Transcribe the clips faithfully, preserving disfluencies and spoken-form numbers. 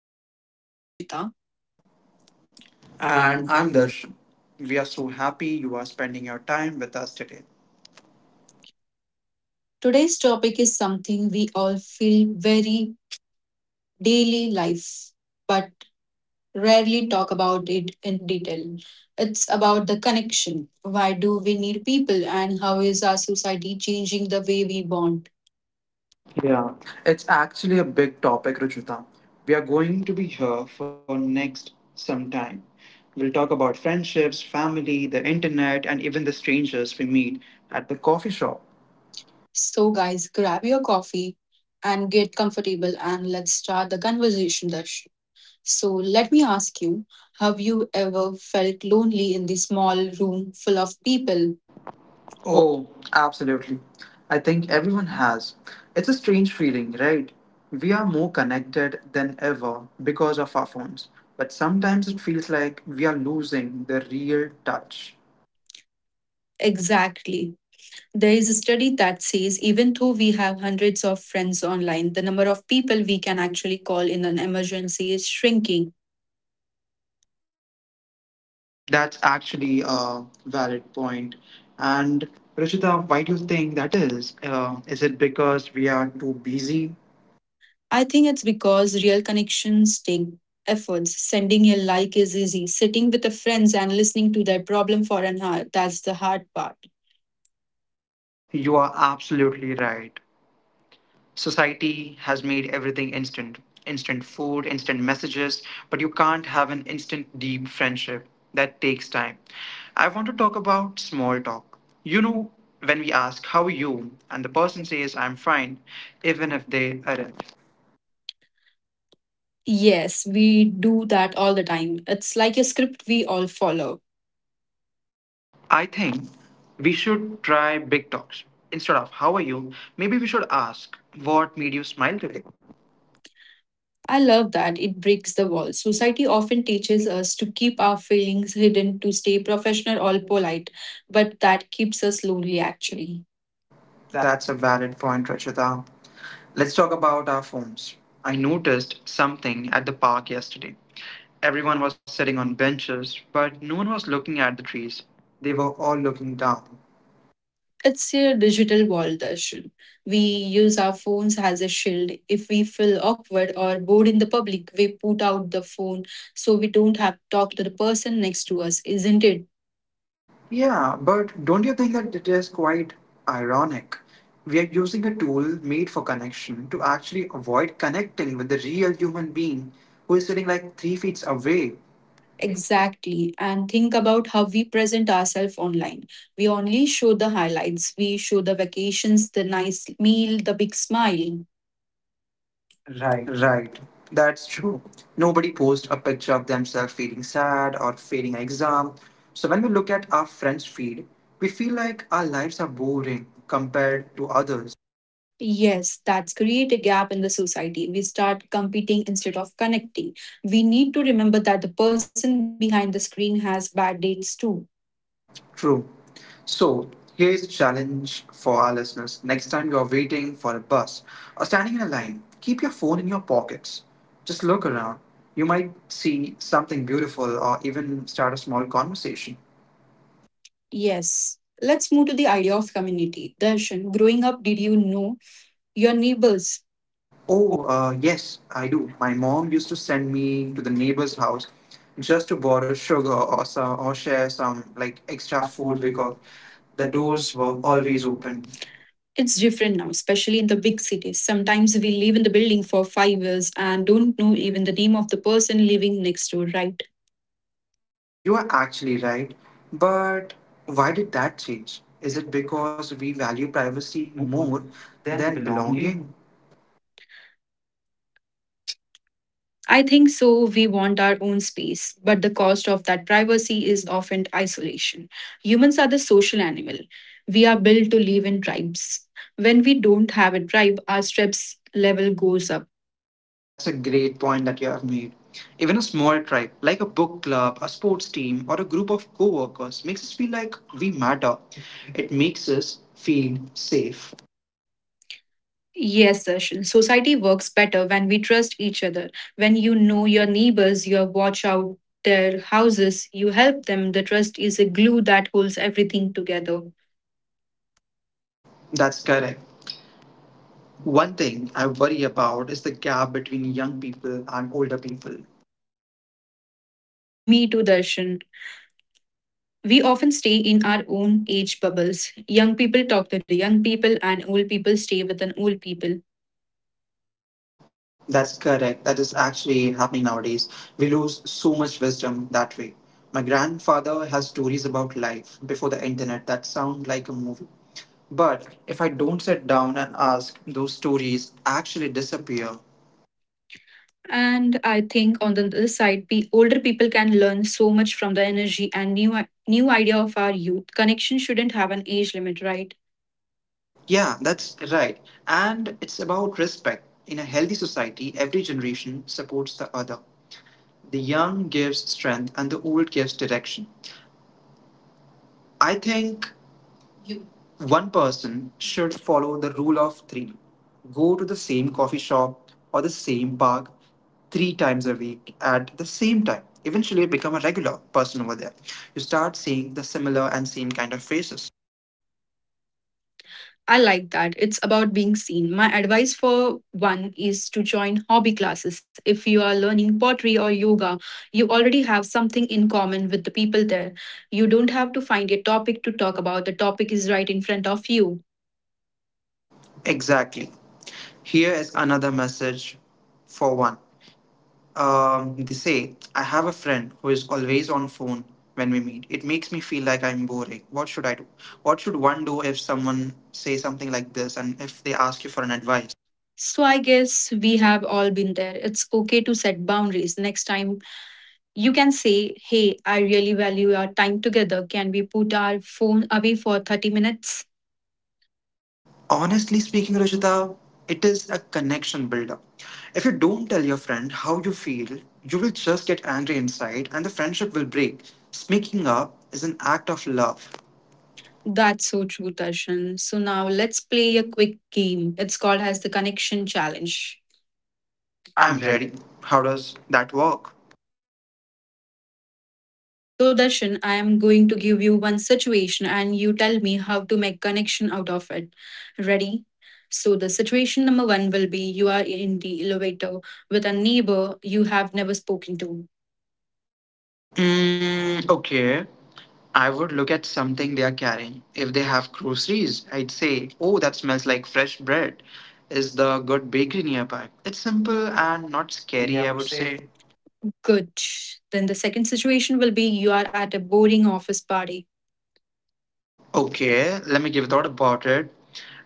I'm your host, Ruchita. And And I'm I'm Dar. Darsh. We are so happy you are spending your time with us today. Today's topic is something we all feel very daily life, but rarely talk about it in detail. It's about the connection. Why do we need people, and how is our society changing the way we bond? Yeah, it's actually a big topic, Ruchuta. We are going to be here for next some time. We'll talk about friendships, family, the internet, and even the strangers we meet at the coffee shop. So, guys, grab your coffee and get comfortable, and let's start the conversation, Darsh. So let me ask you, have you ever felt lonely in the small room full of people? Oh, absolutely. I think everyone has. It's a strange feeling, right? We are more connected than ever because of our phones, but sometimes it feels like we are losing the real touch. Exactly. There is a study that says even though we have hundreds of friends online, the number of people we can actually call in an emergency is shrinking. That's actually a valid point. And Ruchita, why do you think that is? Uh, is it because we are too busy? I think it's because real connections take efforts. Sending a like is easy. Sitting with the friends and listening to their problem for an hour, that's the hard part. You are absolutely right. Society has made everything instant, instant food, instant messages, but you can't have an instant deep friendship. That takes time. I want to talk about small talk. You know, when we ask, "How are you?" and the person says, "I'm fine," even if they aren't. Yes, we do that all the time. It's like a script we all follow. I think we should try big talks. Instead of "how are you," maybe we should ask what made you smile today. I love that. It breaks the wall. Society often teaches us to keep our feelings hidden, to stay professional or polite, but that keeps us lonely actually. That's a valid point, Rachita. Let's talk about our phones. I noticed something at the park yesterday. Everyone was sitting on benches, but no one was looking at the trees. They were all looking down. It's a digital wall, Darshan. We use our phones as a shield. If we feel awkward or bored in the public, we put out the phone so we don't have to talk to the person next to us, isn't it? Yeah, but don't you think that it is quite ironic? We are using a tool made for connection to actually avoid connecting with the real human being who is sitting like three feet away. Exactly. And think about how we present ourselves online. We only show the highlights, we show the vacations, the nice meal, the big smile. Right, that's true. Nobody posts a picture of themselves feeling sad or failing an exam. So when we look at our friends' feed, we feel like our lives are boring compared to others. Yes, that's create a gap in the society. We start competing instead of connecting. We need to remember that the person behind the screen has bad dates too. True. So here is a challenge for our listeners. Next time you're waiting for a bus or standing in a line, keep your phone in your pockets. Just look around. You might see something beautiful or even start a small conversation. Yes. Let's move to the idea of community. Darshan, growing up, did you know your neighbors? Oh, uh, yes, I do. My mom used to send me to the neighbor's house just to borrow sugar or some, or share some like extra Extra food food we because got. the The doors doors were were always always open. open. It's different now, especially in the big cities. Sometimes we live in the building for five years and don't know even the name of the person living next door, right? You are actually right. But why did that change? Is it because we value privacy more Then than belonging? belonging? I think so. We want our own space, but the cost of that privacy is often isolation. Humans are the social animal. We are built to live in tribes. When we don't have a tribe, our stress level goes up. That's a great point that you have made. Even a small tribe, like a book club, a sports team, or a group of co workers, makes us feel like we matter. It makes us feel safe. Yes, Darshan. Society works better when we trust each other. When you know your neighbors, you watch out their houses, you help them. The trust is a glue that holds everything together. That's correct. One thing I worry about is the gap between young people and older people. Me too, Darshan. We often stay in our own age bubbles. Young people talk to the young people, and old people stay with an old people. That's correct. That is actually happening nowadays. We lose so much wisdom that way. My grandfather has stories about life before the internet that sound like a movie. But if I don't sit down and ask, those stories actually disappear. And I think on the other side, we older people can learn so much from the energy and new new idea of our youth. Connection shouldn't have an age limit, right? Yeah, that's right. And it's about respect. In a healthy society, every generation supports the other. The young gives strength and the old gives direction. I think one person should follow the rule of three: go to the same coffee shop or the same park three times a week at the same time. Eventually, become a regular person over there. You start seeing the similar and same kind of faces. I like that. It's about being seen. My advice for one is to join hobby classes. If you are learning pottery or yoga, you already have something in common with the people there. You don't have to find a topic to talk about, the topic is right in front of you. Exactly. Here is another message for one. Um, they say, "I have a friend who is always on phone when we meet. It makes me feel like I'm boring. What should I do?" What should one do if someone say something like this and if they ask you for an advice? So I guess we have all been there. It's okay to set boundaries. Next time you can say, "Hey, I really value our time together. Can we put our phone away for thirty minutes?" Honestly speaking, Rajita, it is a connection builder. If you don't tell your friend how you feel, you will just get angry inside and the friendship will break. Speaking up is an act of love. That's so true, Darshan. So now let's play a quick game. It's called as the connection challenge. I'm I'm ready. ready. How does that work? So Darshan, I am going to give you one situation and you tell me how to make connection out of it. Ready? So the situation number one will be you are in the elevator with a neighbor you have never spoken to. Mm, okay. I would look at something they are carrying. If they have groceries, I'd say, "Oh, that smells like fresh bread. Is the good bakery nearby?" It's simple and not Scary, scary, I I would would say. say. Good. Then the second situation will be you are at a boring office party. Okay, let me give a thought about it.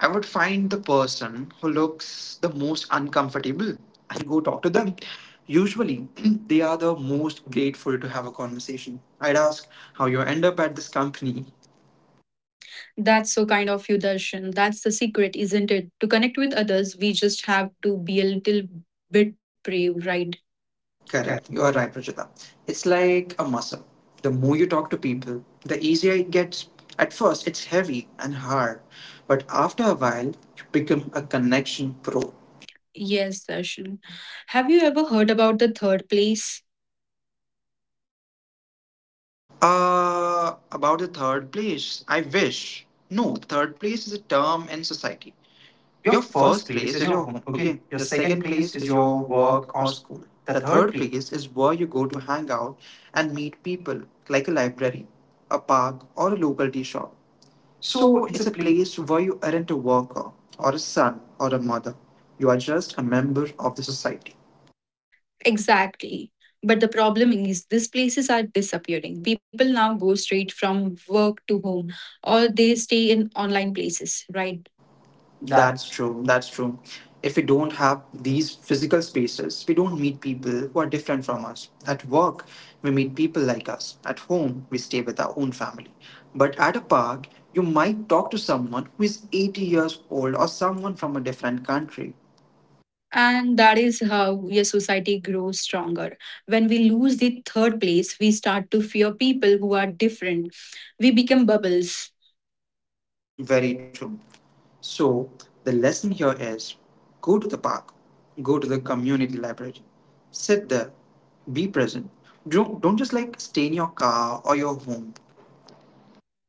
I would find the person who looks the most uncomfortable and go talk to them. Usually, they are the most grateful to have a conversation. I'd ask how you end up at this company. That's so kind of you, Darshan. That's the secret, isn't it? To connect with others, we just have to be a little bit brave, right? Correct. Correct, you are right, Rajita. It's like a muscle. The more you talk to people, the easier it gets. At first, it's heavy and hard, but after a while, you become a connection pro. Yes, Darshan. Have you ever heard about the third place? Uh, about the third place, I wish. No, third place is a term in society. Your Your first first place place is is your your home, home. Okay. okay? Your Your second second place place is is your your work, work or or s- school. the The third third place. place is where you go to hang out and meet people, like a library, a park, or a local tea shop. So So it's a it's a place. place where you aren't a worker, or a son, or a mother. You are just a member of the society. Exactly. But the problem is, these places are disappearing. People now go straight from work to home, or they stay in online places, right? That. That's true. That's true. If we don't have these physical spaces, we don't meet people who are different from us. At work, we meet people like us. At home, we stay with our own family. But at a park, you might talk to someone who is eighty years old or someone from a different country. And that is how your society grows stronger. When we lose the third place, we start to fear people who are different. We become bubbles. Very true. So, the lesson here is: go to the park, go to the community library, sit there, be present. Don't, don't just like stay in your car or your home.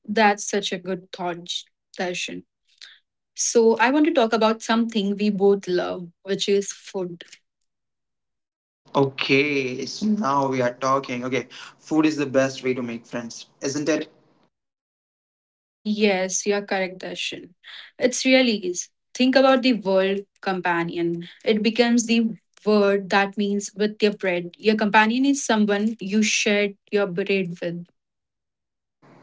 That's such a good thought, Darshan. So, I want to talk about something we both love, which is food. Okay, so now we are talking. Okay, food is the best way to make friends, isn't it? Yes, you are correct, Darshan. It's really is. Think about the word companion. It becomes the word that means with your bread. Your companion is someone you shared your bread with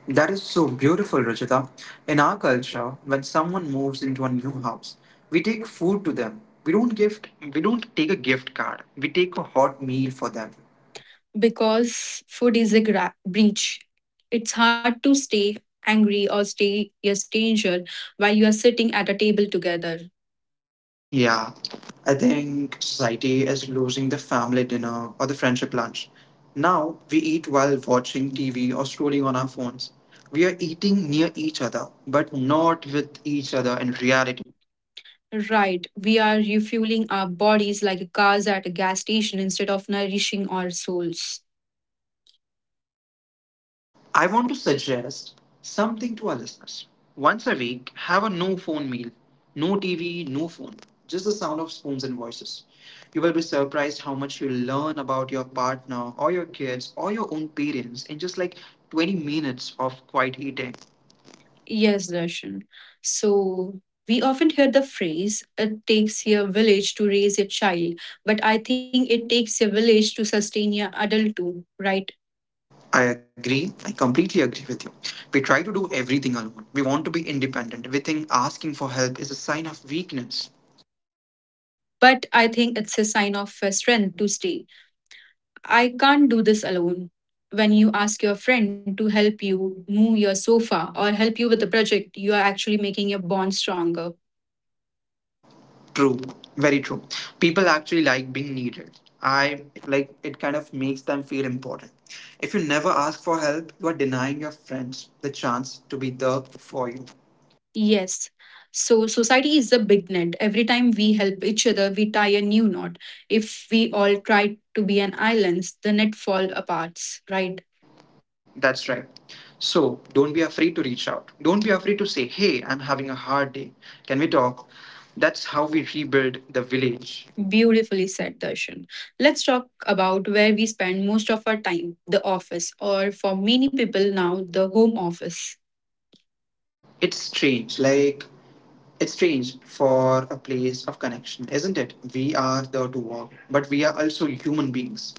That is so beautiful, Rajita. In our culture, when someone moves into a new house, we take food to them. We don't gift. We don't take a gift card. We take a hot meal for them. because food is a gra- breach. It's hard to stay angry or stay a stranger while you are sitting at a table together. Yeah, I think society is losing the family dinner or the friendship lunch. Now we eat while watching T V or scrolling on our phones. We are eating near each other, but not with each other in reality. Right, we are refueling our bodies like cars at a gas station instead of nourishing our souls. I want to suggest something to our listeners. Once a week, have a no phone meal. No T V, no phone. Just the sound of spoons and voices. You will be surprised how much you learn about your partner or your kids or your own parents in just like twenty minutes of quiet eating. Yes, Darshan. So we often hear the phrase, it takes a village to raise a child, but I think it takes a village to sustain a adult too, right? I agree. I completely agree with you. We try to do everything alone. We want to be independent. We think asking for help is a sign of weakness. But I think it's a sign of uh, strength to stay. I can't do this alone. When you ask your friend to help you move your sofa or help you with a project, you are actually making your bond stronger. True, very true. People actually like being needed. I like it kind of makes them feel important. If you never ask for help, you are denying your friends the chance to be there for you. Yes. So, society is a big net. Every time we help each other, we tie a new knot. If we all try to be an island, the net fall apart, right? That's right. So don't be afraid to reach out. Don't be afraid to say, "Hey, I'm having a hard day. Can we talk?" That's how we rebuild the village. Beautifully said, Darshan. Let's talk about where we spend most of our time, the office, or for many people now, the home office. It's strange, like it's strange for a place of connection, isn't it? We are there to work, but we are also human beings.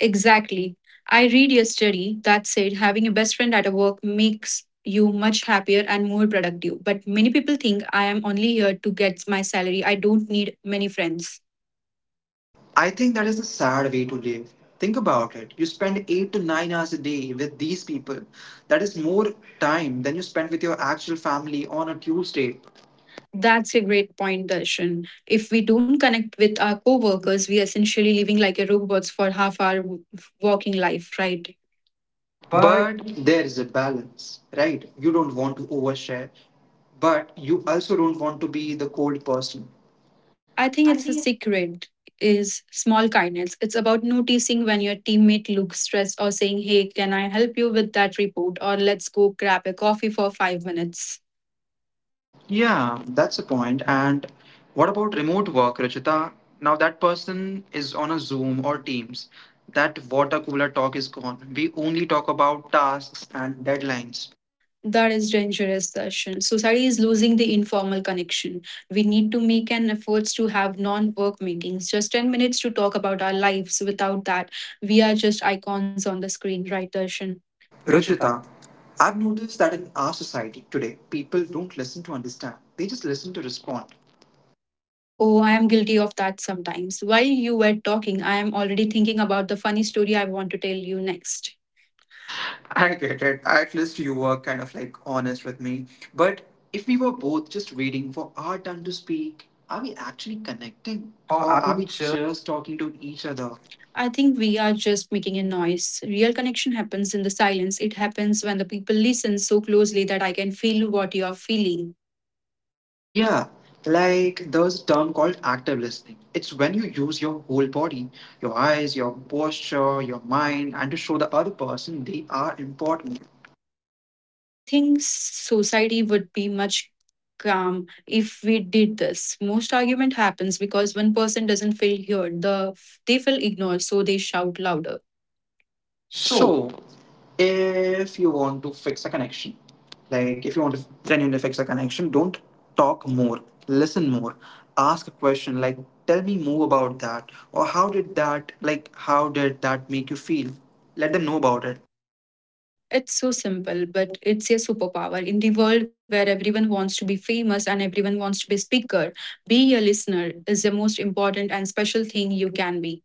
Exactly. I read a study that said having a best friend at a work makes you much happier and more productive. But many people think I am only here to get my salary. I don't need many friends. I think that is a sad way to live. Think about it. You spend eight to nine hours a day with these people. That is more time than you spend with your actual family on a Tuesday. That's a great point, Darshan. If we don't connect with our coworkers, we are essentially living like a robots for half our w- working life, right? But But there is a balance, right? You don't want to overshare, but you also don't want to be the cold person. I think it's the secret is small kindness. It's about noticing when your teammate looks stressed or saying, "Hey, can I help you with that report?" or "Let's go grab a coffee for five minutes." Yeah, that's a point. And what about remote work, Rachita? Now that person is on a Zoom or Teams. That water cooler talk is gone. We only talk about tasks and deadlines. That is dangerous session. Society is losing the informal connection. We need to make an efforts to have non-work meetings, just ten minutes to talk about our lives. Without that, we are just icons on the screen, right, Darshan? Ruchita, I've noticed that in our society today, people don't listen to understand, they just listen to respond. Oh, I am guilty of that sometimes. While you were talking, I am already thinking about the funny story I want to tell you next. I get it. At least you were kind of like honest with me. But if we were both just waiting for our turn to speak, are we actually connecting? Oh, Or are are we we sure? just talking to each other? I think we are just making a noise. Real connection happens in the silence. It happens when the people listen so closely that I can feel what you are feeling. Yeah, like there's a term called active listening. It's when you use your whole body, your eyes, your posture, your mind, and to show the other person they are important. I think society would be much calm if we did this. Most argument happens because one person doesn't feel heard. The they feel ignored, so they shout louder. So So, if you want to fix a connection, like if you want to genuinely fix a connection, don't talk more, listen more, ask a question like, "Tell me more about that," or "How did that," like, "how did that make you feel?" Let them know about it. it's so simple, but it's a superpower. In the world where everyone wants to be famous and everyone wants to be a speaker, be a listener is the most important and special thing you can be.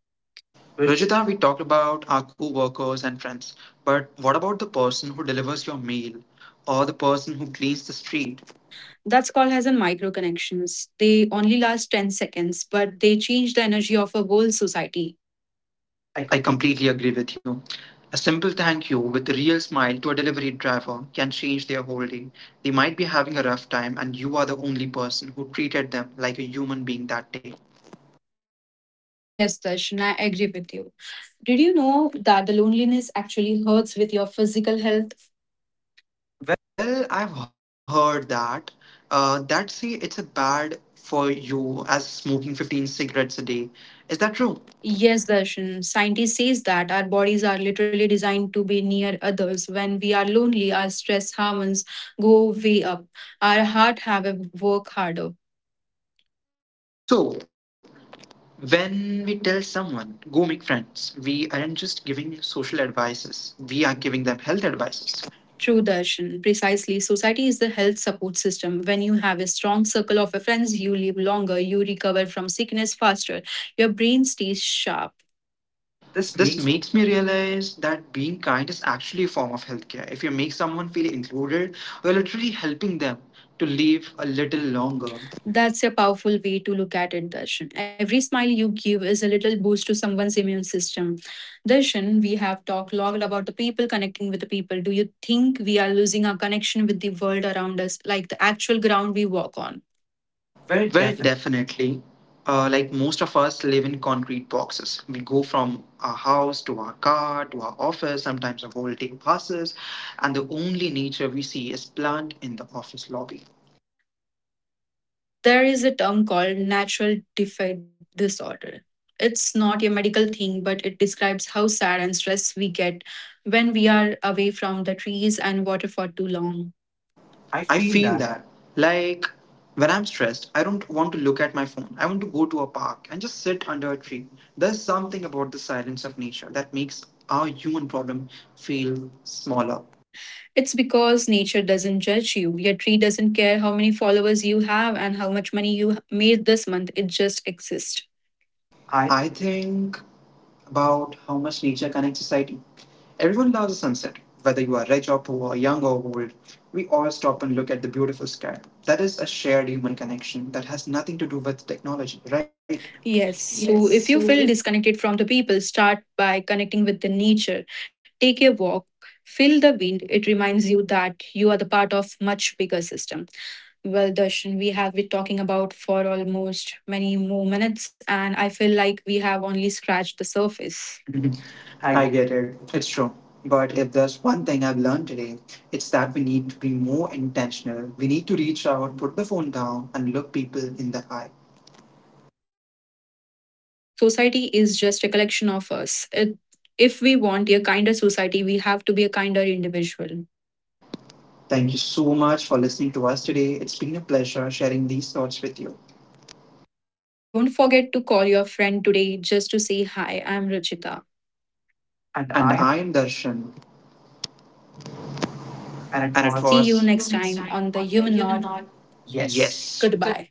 Rajita, we talked about our co workers and friends, but what about the person who delivers your mail or the person who cleans the street? That's called as a micro connections. They only last ten seconds, but they change the energy of a whole society. I I completely. completely agree with you. A simple thank you with a real smile to a delivery driver can change their whole day. They might be having a rough time, and you are the only person who treated them like a human being that day. Yes, Darshan, I agree with you. Did you know that the loneliness actually hurts with your physical health? Well, I've heard that. Uh, that say it's a bad for you as smoking fifteen cigarettes a day. Is that true? Yes, Darshan. Scientists says that our bodies are literally designed to be near others. When we are lonely, our stress hormones go way up. Our heart have a work harder. So, when we tell someone, go make friends, we aren't just giving social advices, we are giving them health advices. True, Darshan. Precisely. Society is the health support system. When you have a strong circle of friends, you live longer, you recover from sickness faster, your brain stays sharp. This This makes makes me realize that being kind is actually a form of healthcare. If you make someone feel included, you're literally helping them to live a little longer. that's a powerful way to look at it, Darshan. Every smile you give is a little boost to someone's immune system. Darshan, we have talked a lot about the people connecting with the people. Do you think we are losing our connection with the world around us, like the actual ground we walk on? Well, Well, definitely. definitely. Uh, like most of us live in concrete boxes. We go from our house to our car to our office. Sometimes a whole day passes, and the only nature we see is plant in the office lobby. There is a term called natural defect disorder. It's not a medical thing, but it describes how sad and stressed we get when we are away from the trees and water for too long. I I feel feel that that. Like when I'm stressed, I don't want to look at my phone. I want to go to a park and just sit under a tree. There's something about the silence of nature that makes our human problem feel smaller. it's because nature doesn't judge you. Your tree doesn't care how many followers you have and how much money you made this month. It just exists. I I think about how much nature connects society. Everyone loves a sunset, whether you are rich or poor, young or old. We all stop and look at the beautiful sky. That is a shared human connection that has nothing to do with technology, right? yes. So if you feel disconnected from the people, start by connecting with the nature. Take a walk, feel the wind. It reminds you that you are the part of much bigger system. Well, Darshan, we have been talking about for almost many more minutes, and I feel like we have only scratched the surface. Mhm. Mhm. I I get it. It's true. But if there's one thing I've learned today, it's that we need to be more intentional. We need to reach out, put the phone down, and look people in the eye. society is just a collection of us. It, if we want a kinder society, we have to be a kinder individual. Thank you so much for listening to us today. It's been a pleasure sharing these thoughts with you. Don't forget to call your friend today just to say hi. I'm Ruchita. And And I I am Darshan. and it And it was. See was. you See you next next time time on the on the Human Nod. Humanoid. Yes. Yes. Goodbye.